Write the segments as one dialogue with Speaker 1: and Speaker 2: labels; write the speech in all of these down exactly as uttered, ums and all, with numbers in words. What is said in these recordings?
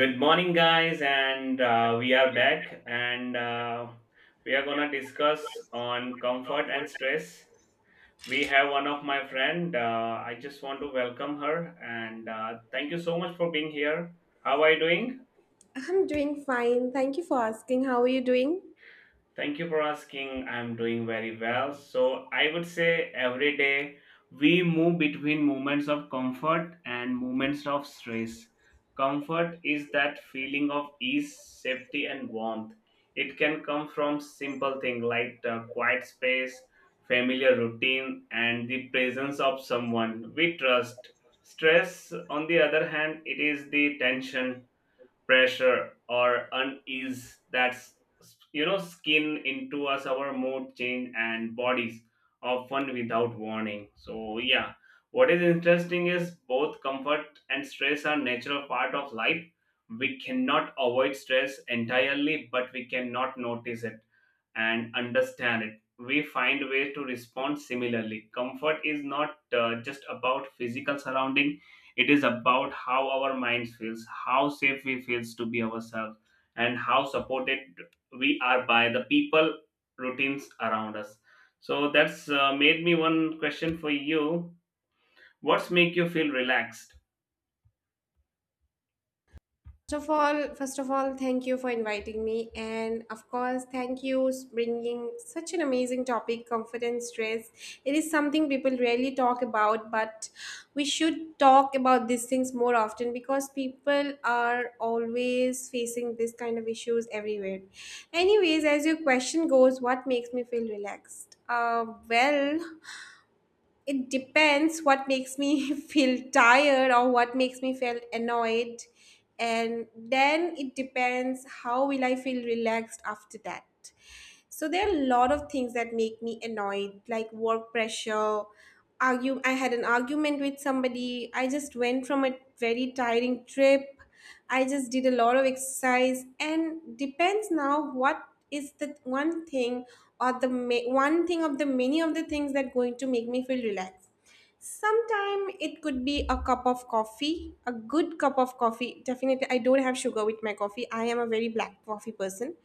Speaker 1: Good morning, guys, and uh, we are back, and uh, we are gonna discuss on comfort and stress. We have one of my friend. Uh, I just want to welcome her, and uh, thank you so much for being here. How are you doing?
Speaker 2: I'm doing fine. Thank you for asking. How are you doing?
Speaker 1: Thank you for asking. I'm doing very well. So, I would say every day we move between moments of comfort and moments of stress. Comfort is that feeling of ease, safety, and warmth. It can come from simple things like the quiet space, familiar routine, and the presence of someone we trust. Stress, on the other hand, it is the tension pressure or unease that's you know skin into us our mood change and bodies often without warning, so yeah, what is interesting is both comfort and stress are natural part of life. We cannot avoid stress entirely, but we cannot notice it and understand it we find ways to respond. Similarly, comfort is not uh, just about physical surrounding. It is about how our minds feels, how safe we feels to be ourselves, and how supported we are by the people routines around us. So that's uh, made me one question for you. What's make you feel relaxed?
Speaker 2: First of all, first of all, thank you for inviting me, and of course, thank you s- bringing such an amazing topic, confidence, stress. It is something people rarely talk about, but we should talk about these things more often because people are always facing this kind of issues everywhere. Anyways, as your question goes, what makes me feel relaxed? Uh, well, it depends what makes me feel tired or what makes me feel annoyed, and then it depends how will I feel relaxed after that. So there are a lot of things that make me annoyed, like work pressure, argue. I had an argument with somebody. I just went from a very tiring trip. I just did a lot of exercise, and depends now what is the one thing or the ma- one thing of the many of the things that going to make me feel relaxed. Sometime it could be a cup of coffee, a good cup of coffee. Definitely, I don't have sugar with my coffee. I am a very black coffee person.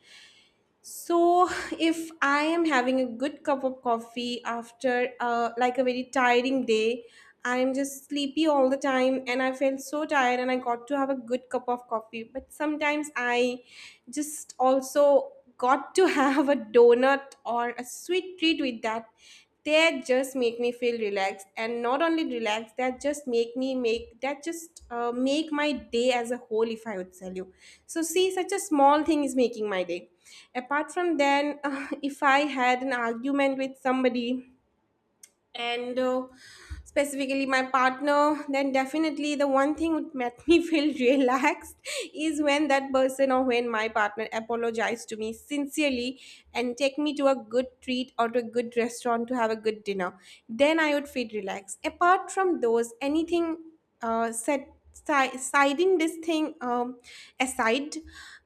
Speaker 2: So, if I am having a good cup of coffee after uh, like a very tiring day, I'm just sleepy all the time and I felt so tired and I got to have a good cup of coffee. But sometimes I just also got to have a donut or a sweet treat with that. They just make me feel relaxed, and not only relaxed, that just make me make that just uh, make my day as a whole, if I would tell you. So see, such a small thing is making my day. Apart from then, if I had an argument with somebody, and uh, specifically my partner, then definitely the one thing would make me feel relaxed is when that person or when my partner apologize to me sincerely and take me to a good treat or to a good restaurant to have a good dinner, then I would feel relaxed. Apart from those, anything, uh, set si- siding this thing, um, aside,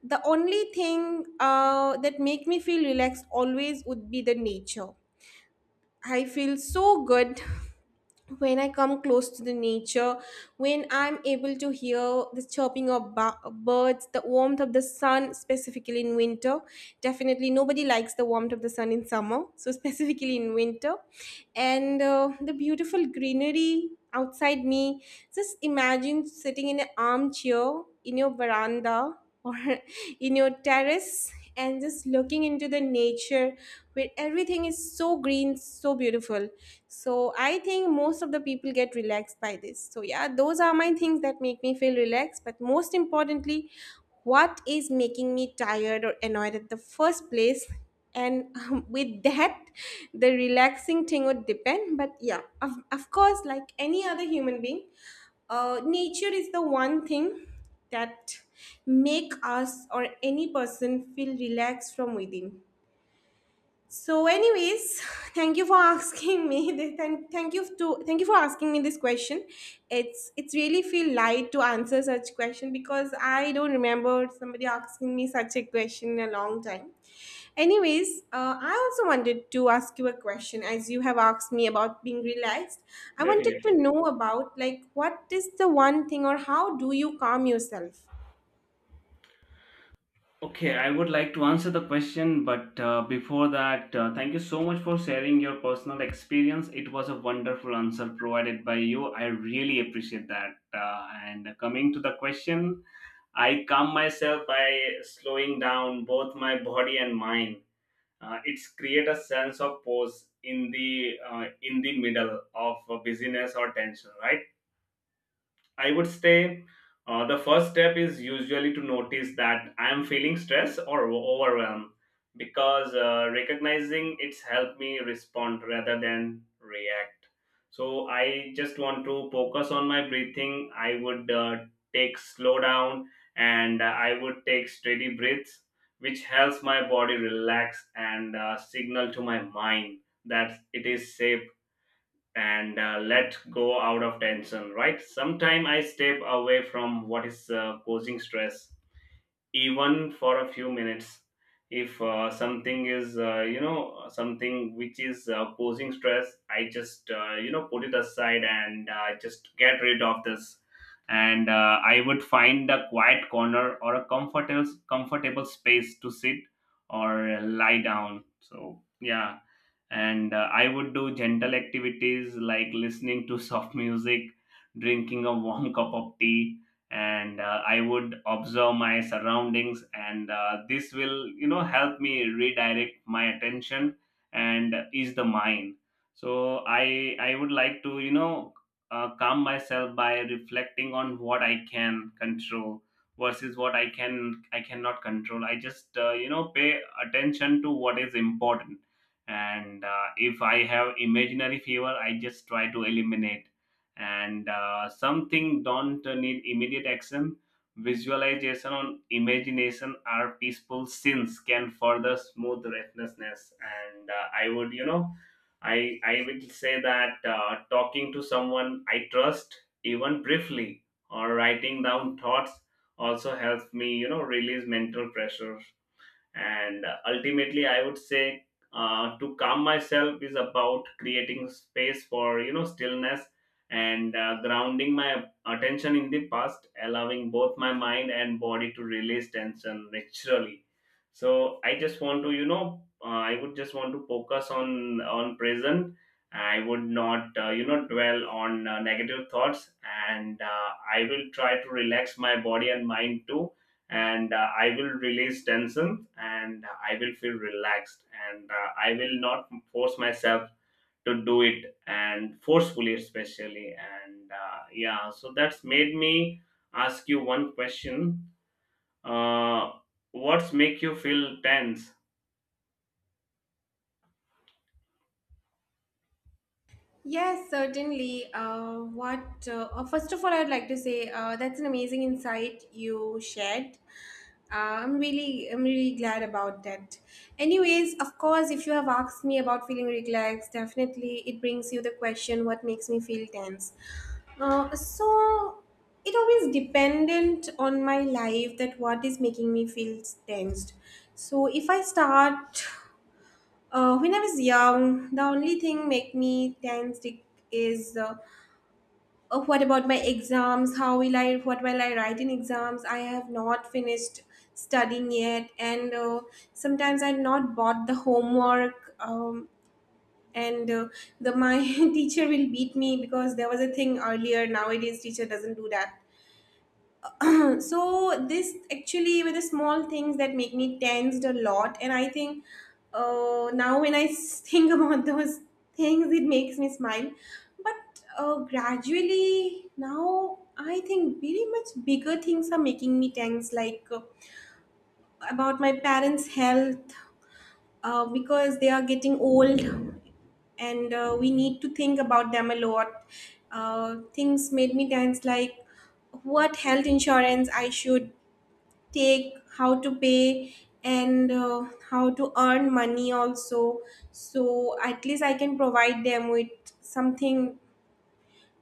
Speaker 2: the only thing uh, that make me feel relaxed always would be the nature. I feel so good when I come close to the nature, when I'm able to hear the chirping of ba- birds, the warmth of the sun, specifically in winter. Definitely, nobody likes the warmth of the sun in summer, so specifically in winter. And uh, the beautiful greenery outside me. Just imagine sitting in an armchair in your veranda or in your terrace and just looking into the nature, where everything is so green, so beautiful. So I think most of the people get relaxed by this. So yeah, those are my things that make me feel relaxed, but most importantly, what is making me tired or annoyed at the first place, and um, with that, the relaxing thing would depend. But yeah, of, of course like any other human being, uh, nature is the one thing that make us or any person feel relaxed from within. So anyways, thank you for asking me this- thank, thank you to thank you for asking me this question. It's it's really feel light to answer such question because I don't remember somebody asking me such a question in a long time. Anyways, uh, I also wanted to ask you a question. As you have asked me about being relaxed, I wanted to
Speaker 1: Definitely.
Speaker 2: know about, like, what is the one thing, or how do you calm yourself?
Speaker 1: Okay, I would like to answer the question, but uh, before that, uh, thank you so much for sharing your personal experience. It was a wonderful answer provided by you. I really appreciate that. Uh, and coming to the question, I calm myself by slowing down both my body and mind. Uh, it's create a sense of pause in the uh, in the middle of uh, busyness or tension, right? I would say uh, the first step is usually to notice that I am feeling stress or overwhelmed because uh, recognizing it's helped me respond rather than react. So I just want to focus on my breathing. I would uh, take slow down and I would take steady breaths, which helps my body relax and uh, signal to my mind that it is safe and uh, let go out of tension, right? Sometime I step away from what is uh, causing stress, even for a few minutes. If uh, something is uh, you know something which is uh, causing stress, I just uh, you know put it aside and uh, just get rid of this, and uh, I would find a quiet corner or a comfortable comfortable space to sit or lie down, so yeah. and uh, I would do gentle activities like listening to soft music, drinking a warm cup of tea, and uh, I would observe my surroundings, and uh, this will you know help me redirect my attention and ease the mind. So i i would like to you know uh, calm myself by reflecting on what I can control versus what i can i cannot control. I just uh, you know pay attention to what is important, and uh, if I have imaginary fever I just try to eliminate, and uh, something don't need immediate action. Visualization on imagination are peaceful sins can further smooth restlessness, and uh, I would you know I I will say that uh, talking to someone I trust, even briefly, or writing down thoughts also helps me you know release mental pressure. And ultimately I would say uh, to calm myself is about creating space for you know stillness, and uh, grounding my attention in the past, allowing both my mind and body to release tension naturally. So I just want to you know uh, i would just want to focus on on present. I would not uh, you know dwell on uh, negative thoughts, and uh, I will try to relax my body and mind too, and uh, I will release tension and I will feel relaxed, and uh, I will not force myself to do it and forcefully especially, and uh, yeah so that's made me ask you one question. uh, what's make you feel tense?
Speaker 2: Yes, certainly. Uh, what uh, uh, first of all, I would like to say uh, that's an amazing insight you shared. Uh, I'm really, I'm really glad about that. Anyways, of course, if you have asked me about feeling relaxed, definitely it brings you the question: What makes me feel tense? Uh, so it always dependent on my life that what is making me feel tensed. So if I start uh, when I was young, the only thing make me tense it is uh, uh, what about my exams? How will I? What will I write in exams? I have not finished studying yet, and uh, sometimes I not bought the homework. Um, and uh, the my teacher will beat me because there was a thing earlier. Nowadays, teacher doesn't do that. So this actually were the small things that make me tensed a lot. And I think uh, now when i s- think about those things, it makes me smile. But uh, gradually now I think very much bigger things are making me tense, like uh, about my parents health, uh, because they are getting old, and uh, we need to think about them a lot. uh, things made me tense, like what health insurance I should take, how to pay, and uh, how to earn money also, so at least I can provide them with something.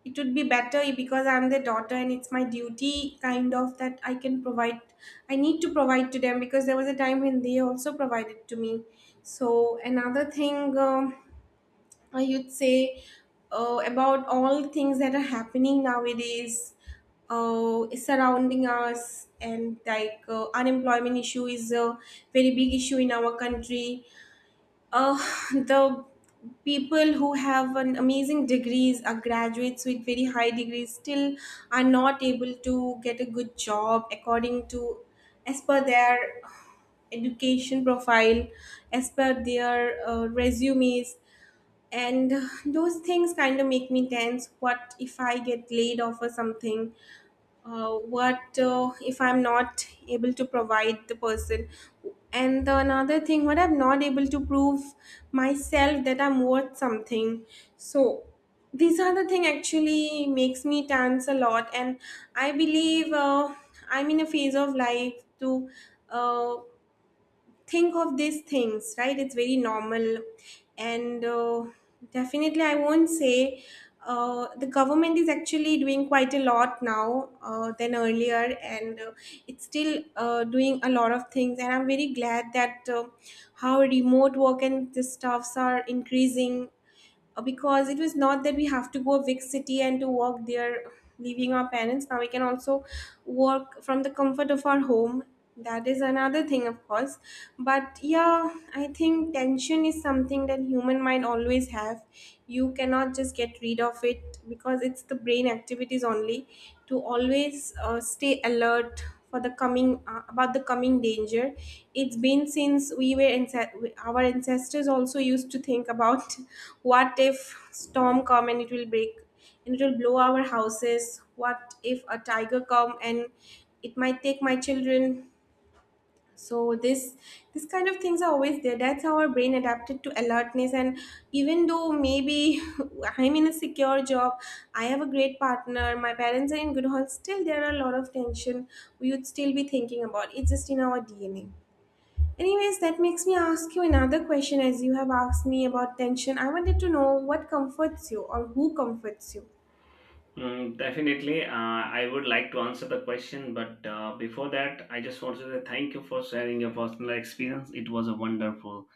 Speaker 2: It would be better because I'm their daughter and it's my duty kind of, that I can provide. I need to provide to them because there was a time when they also provided to me. So another thing, um, I would say uh, about all things that are happening nowadays, uh, surrounding us, and like uh, unemployment issue is a very big issue in our country. Uh, the people who have an amazing degrees are graduates with very high degrees still are not able to get a good job according to, as per their uh, education profile, as per their uh, resumes, and those things kind of make me tense. What if I get laid off or something? Uh, what uh, if I'm not able to provide the person, and the another thing, what I'm not able to prove myself, that I'm worth something. So these are the thing actually makes me tense a lot. And I believe uh, I'm in a phase of life to uh, think of these things, right? It's very normal. And uh, definitely, I won't say uh, the government is actually doing quite a lot now uh, than earlier, and uh, it's still uh, doing a lot of things. And I'm very glad that uh, how remote work and the stuffs are increasing, uh, because it was not that we have to go big city and to work there, leaving our parents. Now we can also work from the comfort of our home. That is another thing, of course. But yeah, I think tension is something that human mind always have. You cannot just get rid of it because it's the brain activities only, to always uh, stay alert for the coming uh, about the coming danger. It's been since we were ance- our ancestors also used to think about what if storm come and it will break and it will blow our houses, what if a tiger come and it might take my children. So this this kind of things are always there. That's how our brain adapted to alertness, and even though maybe I'm in a secure job, I have a great partner, my parents are in good health, still there are a lot of tension, we would still be thinking about, it's just in our DNA. Anyways, that makes me ask you another question. As you have asked me about tension, I wanted to know what comforts you or who comforts you.
Speaker 1: Mm, definitely. Uh, I would like to answer the question, but uh, before that, I just want to say thank you for sharing your personal experience. It was a wonderful.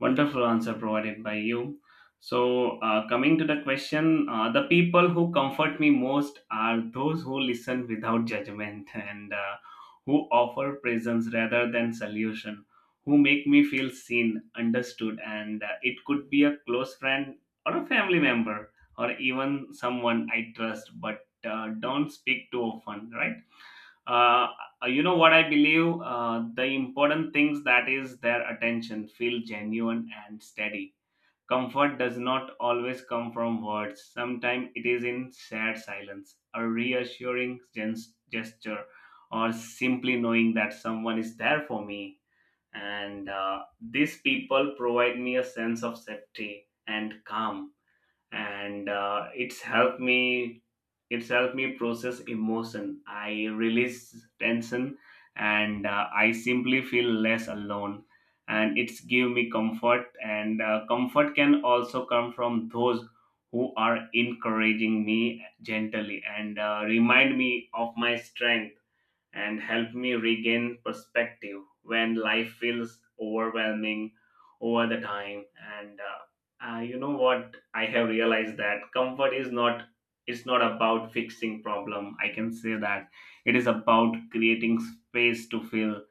Speaker 1: Wonderful answer provided by you. So, uh, coming to the question, uh, the people who comfort me most are those who listen without judgment and uh, who offer presence rather than solution, who make me feel seen, understood, and uh, it could be a close friend or a family member or even someone I trust but uh, don't speak too often, right? uh, you know what, I believe uh, the important things that is their attention feel genuine and steady. Comfort does not always come from words. Sometimes it is in shared silence, a reassuring gens- gesture, or simply knowing that someone is there for me, and uh, these people provide me a sense of safety and calm, and uh, it's helped me it's helped me process emotion I release tension, and uh, I simply feel less alone, and it's give me comfort. And uh, Comfort can also come from those who are encouraging me gently, and uh, remind me of my strength and help me regain perspective when life feels overwhelming over the time, and uh, uh, you know what I have realized that comfort is not it's not about fixing problem, I can say that. It is about creating space to feel,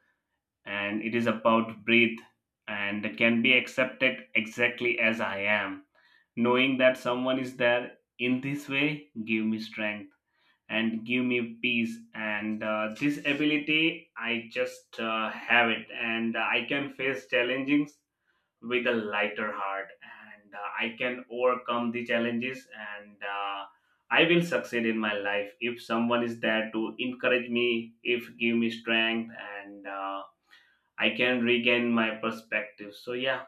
Speaker 1: and it is about breathe, and can be accepted exactly as I am. Knowing that someone is there in this way give me strength and give me peace, and uh, this ability I just uh, have it and I can face challenges with a lighter heart, and uh, I can overcome the challenges, and uh, I will succeed in my life if someone is there to encourage me, if give me strength, and uh, I can regain my perspective, so yeah.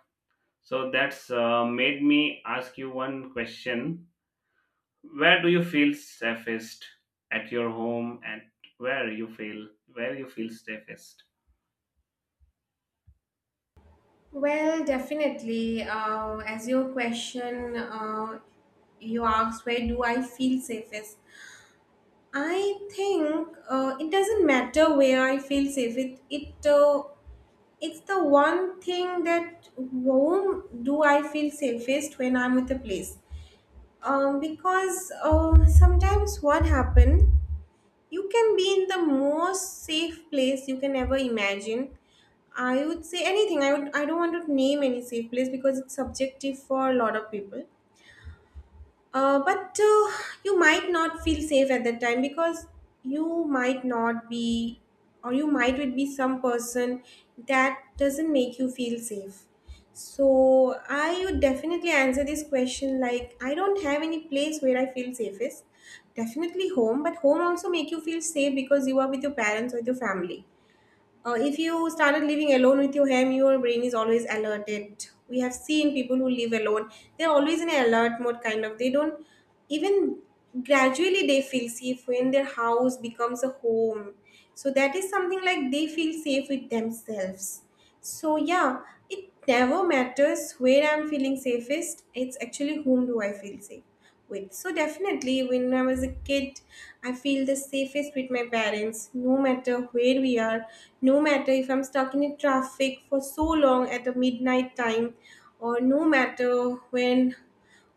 Speaker 1: So that's uh, made me ask you one question. Where do you feel safest at your home and where you feel where you feel safest?
Speaker 2: Well, definitely. Uh, as your question, uh, you asked, where do I feel safest? I think uh, it doesn't matter where I feel safe. It it uh, it's the one thing, that whom do I feel safest when I'm with a place. Um, because uh, sometimes what happen, you can be in the most safe place you can ever imagine. I would say anything. I would. I don't want to name any safe place because it's subjective for a lot of people. Uh, but uh, you might not feel safe at that time because you might not be, or you might would be some person that doesn't make you feel safe. So I would definitely answer this question, like, I don't have any place where I feel safest. Definitely home, but home also make you feel safe because you are with your parents or with your family. Uh, if you started living alone with your ham, your brain is always alerted. We have seen people who live alone; they're always in an alert mode, kind of. They don't even gradually they feel safe when their house becomes a home. So that is something like they feel safe with themselves. So yeah, it never matters where I'm feeling safest. It's actually whom do I feel safe with. So definitely when I was a kid, I feel the safest with my parents, no matter where we are, no matter if I'm stuck in a traffic for so long at a midnight time, or no matter when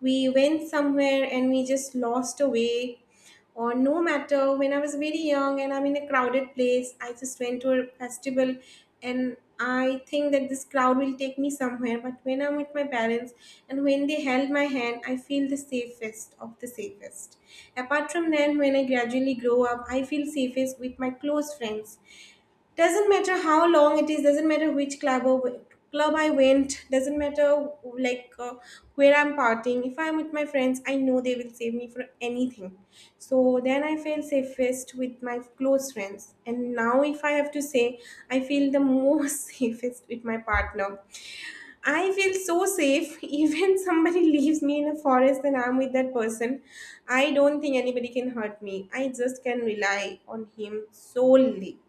Speaker 2: we went somewhere and we just lost away, or no matter when I was very young and I'm in a crowded place. I just went to a festival and I think that this crowd will take me somewhere, but when I'm with my parents and when they held my hand, I feel the safest of the safest. Apart from that, when I gradually grow up, I feel safest with my close friends. Doesn't matter how long it is, doesn't matter which club or club I went, doesn't matter like uh, where I'm partying, if I'm with my friends, I know they will save me for anything. So then I feel safest with my close friends. And now, if I have to say, I feel the most safest with my partner. I feel so safe, even somebody leaves me in a forest and I'm with that person, I don't think anybody can hurt me. I just can rely on him solely.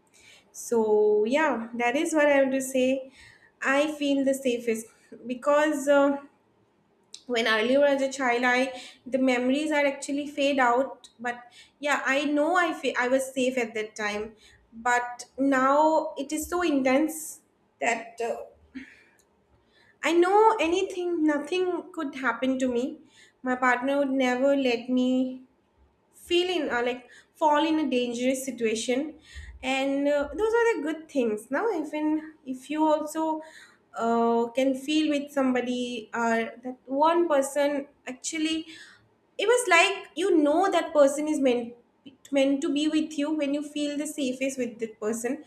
Speaker 2: So yeah, that is what I want to say. I feel the safest because uh, when earlier as a child, I, the memories are actually fade out. But yeah, I know I fe- I was safe at that time, but now it is so intense that uh, I know anything, nothing could happen to me. My partner would never let me feel in uh, like fall in a dangerous situation. And uh, those are the good things now. Even if you also uh, can feel with somebody, uh, that one person actually, it was like, you know, that person is meant meant to be with you when you feel the safest with that person.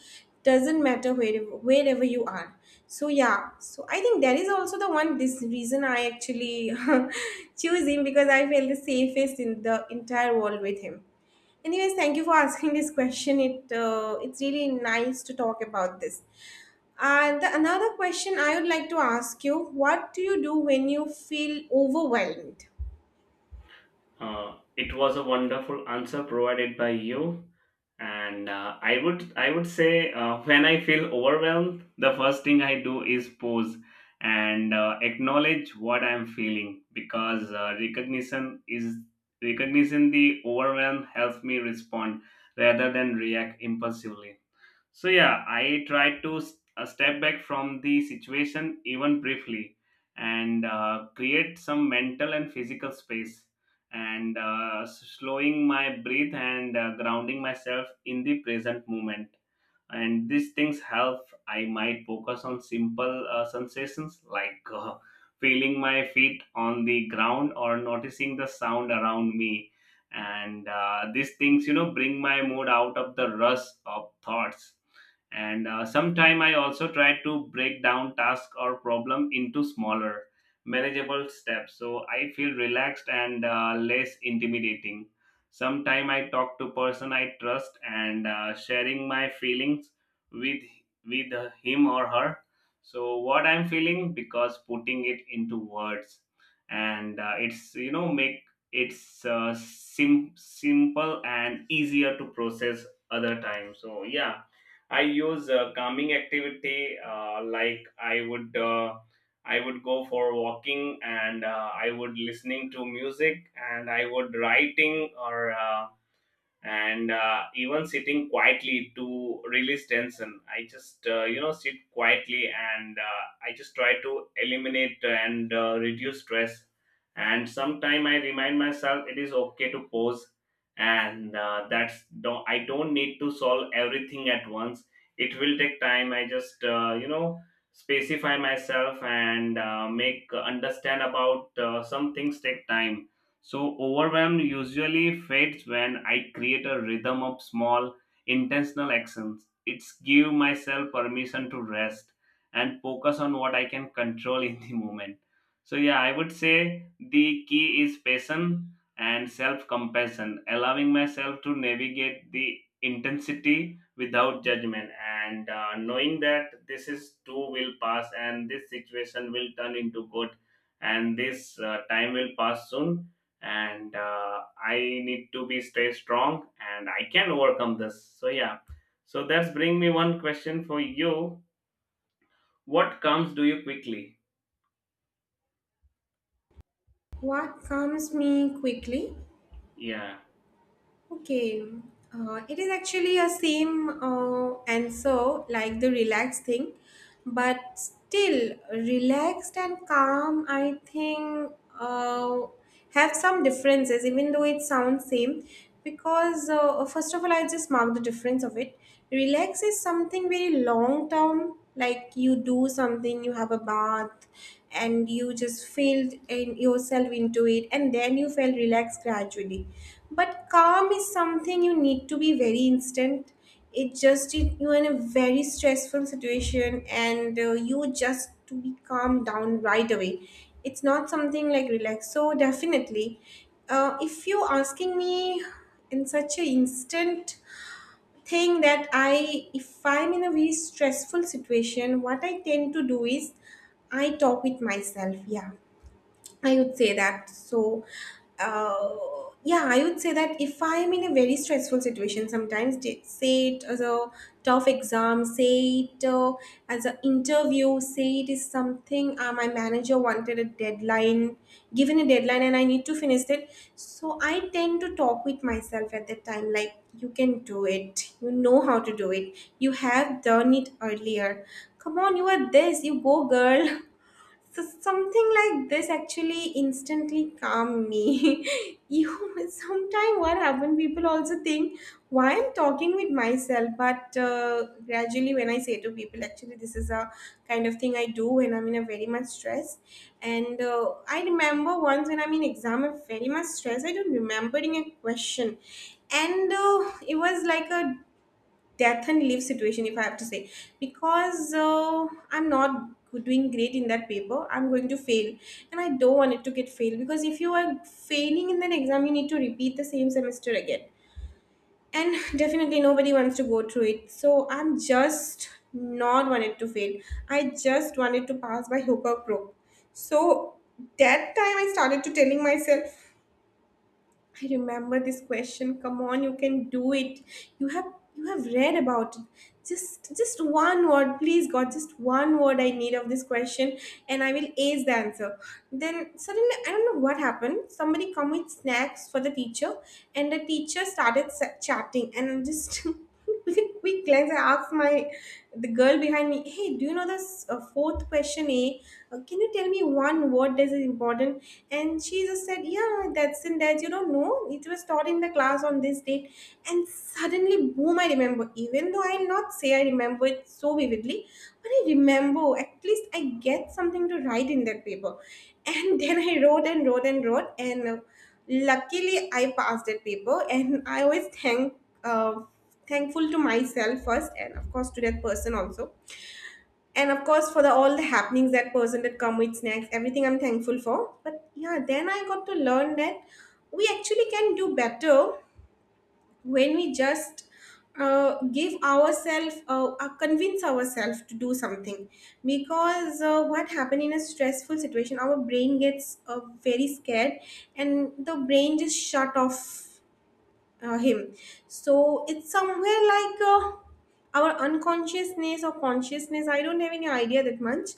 Speaker 2: Doesn't matter wherever wherever you are. So yeah, so I think that is also the one this reason I actually choose him, because I feel the safest in the entire world with him. Anyways, thank you for asking this question. It uh, it's really nice to talk about this. And the, another question I would like to ask you, what do you do when you feel overwhelmed?
Speaker 1: Uh, it was a wonderful answer provided by you. and uh, i would i would say uh, when I feel overwhelmed, the first thing I do is pause and uh, acknowledge what I'm feeling, because uh, recognition is recognition. The overwhelm helps me respond rather than react impulsively. So yeah, I tried to s- uh, step back from the situation, even briefly, and uh, create some mental and physical space, and uh, s- slowing my breath, and uh, grounding myself in the present moment, and these things help. I might focus on simple uh, sensations like uh, feeling my feet on the ground or noticing the sound around me, and uh, these things you know bring my mood out of the rush of thoughts, and uh, sometime I also try to break down task or problem into smaller manageable steps, so I feel relaxed and uh, less intimidating. Sometime I talk to person I trust, and uh, sharing my feelings with with him or her, so what I'm feeling, because putting it into words, and uh, it's you know make it's uh, sim- simple and easier to process other time, so yeah. I use uh, calming activity, uh, like i would uh, I would go for walking, and uh, I would listening to music, and I would writing, or uh, and uh, even sitting quietly to release tension. I just uh, you know sit quietly, and uh, I just try to eliminate and uh, reduce stress. And sometime I remind myself it is okay to pause, and uh, that's don't, I don't need to solve everything at once. It will take time. I just uh, you know specify myself, and uh, make understand about uh, some things take time. So, overwhelm usually fades when I create a rhythm of small, intentional actions. It's give myself permission to rest and focus on what I can control in the moment. So, yeah, I would say the key is patience and self compassion, allowing myself to navigate the intensity without judgment, and uh, knowing that this is too will pass and this situation will turn into good, and this uh, time will pass soon, and uh, I need to be stay strong and I can overcome this, so yeah. So that's bring me one question for you. What comes do you quickly?
Speaker 2: What comes me quickly?
Speaker 1: Yeah.
Speaker 2: Okay, uh, it is actually a same uh, answer like the relaxed thing, but still relaxed and calm. I think uh, have some differences, even though it sounds same. Because uh, first of all, I just mark the difference of it. Relax is something very long term, like you do something, you have a bath and you just feel in yourself into it and then you feel relaxed gradually. But calm is something you need to be very instant. it just it, you're in a very stressful situation, and uh, you just to be calmed down right away. It's not something like relax. So definitely, uh, if you're asking me, in such an instant thing that I, if I'm in a very stressful situation, what I tend to do is I talk with myself. Yeah. I would say that. So, uh, yeah, I would say that if I am in a very stressful situation, sometimes t- say it as a tough exam, say it uh, as an interview, say it is something uh, my manager wanted a deadline, given a deadline, and I need to finish it. So, I tend to talk with myself at that time, like, you can do it, you know how to do it, you have done it earlier. Come on, you are this, you go, girl. So something like this actually instantly calm me. You sometimes what happen? People also think why I'm talking with myself, but uh, gradually when I say to people, actually this is a kind of thing I do when I'm in a very much stress. And uh, I remember once when I'm in exam, I'm very much stressed. I don't remembering a question, and uh, it was like a death and leave situation, if I have to say, because uh, I'm not doing great in that paper, I'm going to fail, and I don't want it to get failed, because if you are failing in that exam, you need to repeat the same semester again, and definitely nobody wants to go through it. So I'm just not wanted to fail. I just wanted to pass by hook or crook. So that time I started to telling myself, I remember this question. Come on, you can do it. You have you have read about it. Just just one word, please God, just one word I need of this question, and I will ace the answer. Then suddenly I don't know what happened. Somebody come with snacks for the teacher, and the teacher started sa- chatting, and I'm just quick glance, I asked my, the girl behind me, hey, do you know this uh, fourth question, a uh, can you tell me one word that is important? And she just said, yeah, that's in that you don't know, it was taught in the class on this date. And suddenly, boom, I remember. Even though I'll not say I remember it so vividly, but I remember at least I get something to write in that paper. And then I wrote and wrote and wrote. And uh, luckily I passed that paper, and I always thank uh, thankful to myself first, and of course to that person also, and of course for the all the happenings, that person that come with snacks, everything I'm thankful for. But yeah, then I got to learn that we actually can do better when we just uh, give ourselves uh, uh, convince ourselves to do something. Because uh, what happened in a stressful situation, our brain gets uh, very scared, and the brain just shut off uh, him. So it's somewhere like uh, our unconsciousness or consciousness, I don't have any idea that much.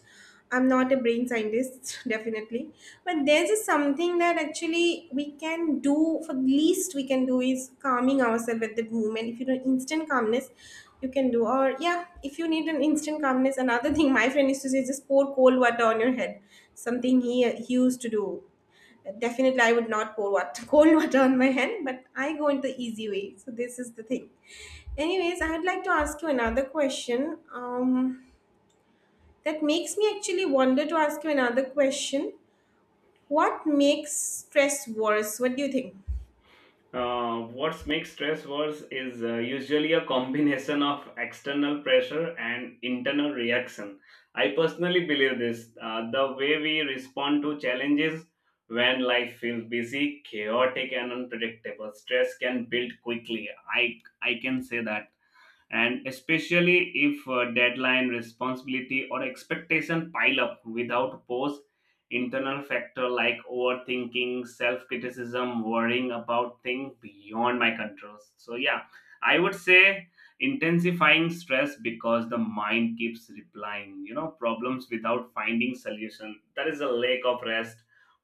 Speaker 2: I'm not a brain scientist, definitely. But there's just something that actually we can do. For the least we can do is calming ourselves at that moment, if you know instant calmness you can do. Or yeah, if you need an instant calmness, another thing my friend used to say is just pour cold water on your head. Something he he used to do. Definitely I would not pour water, cold water on my hand, but I go into the easy way. So this is the thing. Anyways, I would like to ask you another question, um, that makes me actually wonder to ask you another question. What makes stress worse? What do you think?
Speaker 1: uh, What makes stress worse is uh, usually a combination of external pressure and internal reaction. I personally believe this. Uh, the way we respond to challenges when life feels busy, chaotic, and unpredictable, stress can build quickly. I I can say that, and especially if uh, deadline responsibility or expectation pile up without pause, internal factor like overthinking self-criticism worrying about things beyond my control, so yeah, I would say intensifying stress because the mind keeps replying you know problems without finding solution, that is a lack of rest,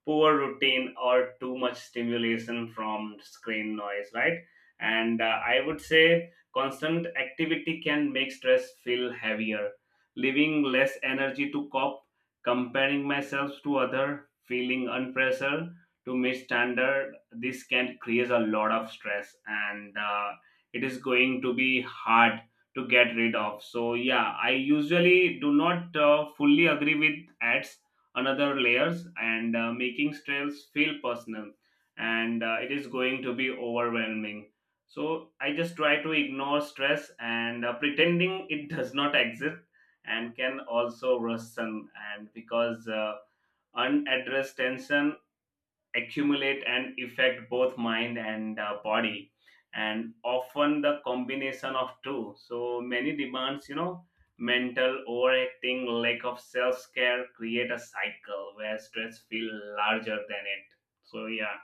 Speaker 1: poor routine, or too much stimulation from screen noise, right? And uh, I would say constant activity can make stress feel heavier, leaving less energy to cope, comparing myself to other, feeling unpressure to meet standard. This can create a lot of stress, and uh, it is going to be hard to get rid of. So yeah, I usually do not uh, fully agree with ads another layers, and uh, making stress feel personal, and uh, it is going to be overwhelming. So I just try to ignore stress, and uh, pretending it does not exist and can also worsen, and because uh, unaddressed tension accumulate and affect both mind and uh, body, and often the combination of two so many demands, you know mental overacting, lack of self-care create a cycle where stress feel larger than it, so yeah,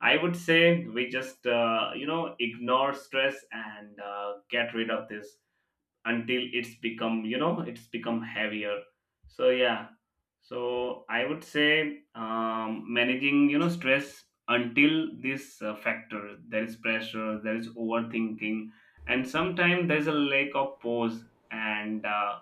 Speaker 1: I would say we just, uh, you know, ignore stress and uh, get rid of this until it's become, you know, it's become heavier. So, yeah. So, I would say um, managing, you know, stress until this uh, factor there is pressure, there is overthinking, and sometimes there's a lack of pause. And uh,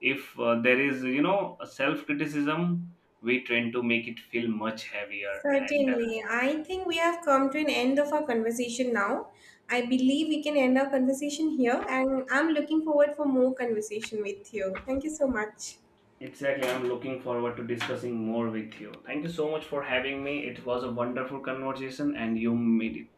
Speaker 1: If uh, there is, you know, self criticism, we tend to make it feel much heavier. And uh,
Speaker 2: Certainly. I think we have come to an end of our conversation now. I believe we can end our conversation here, and I'm looking forward for more conversation with you. Thank you so much.
Speaker 1: Exactly. I'm looking forward to discussing more with you. Thank you so much for having me. It was a wonderful conversation and you made it.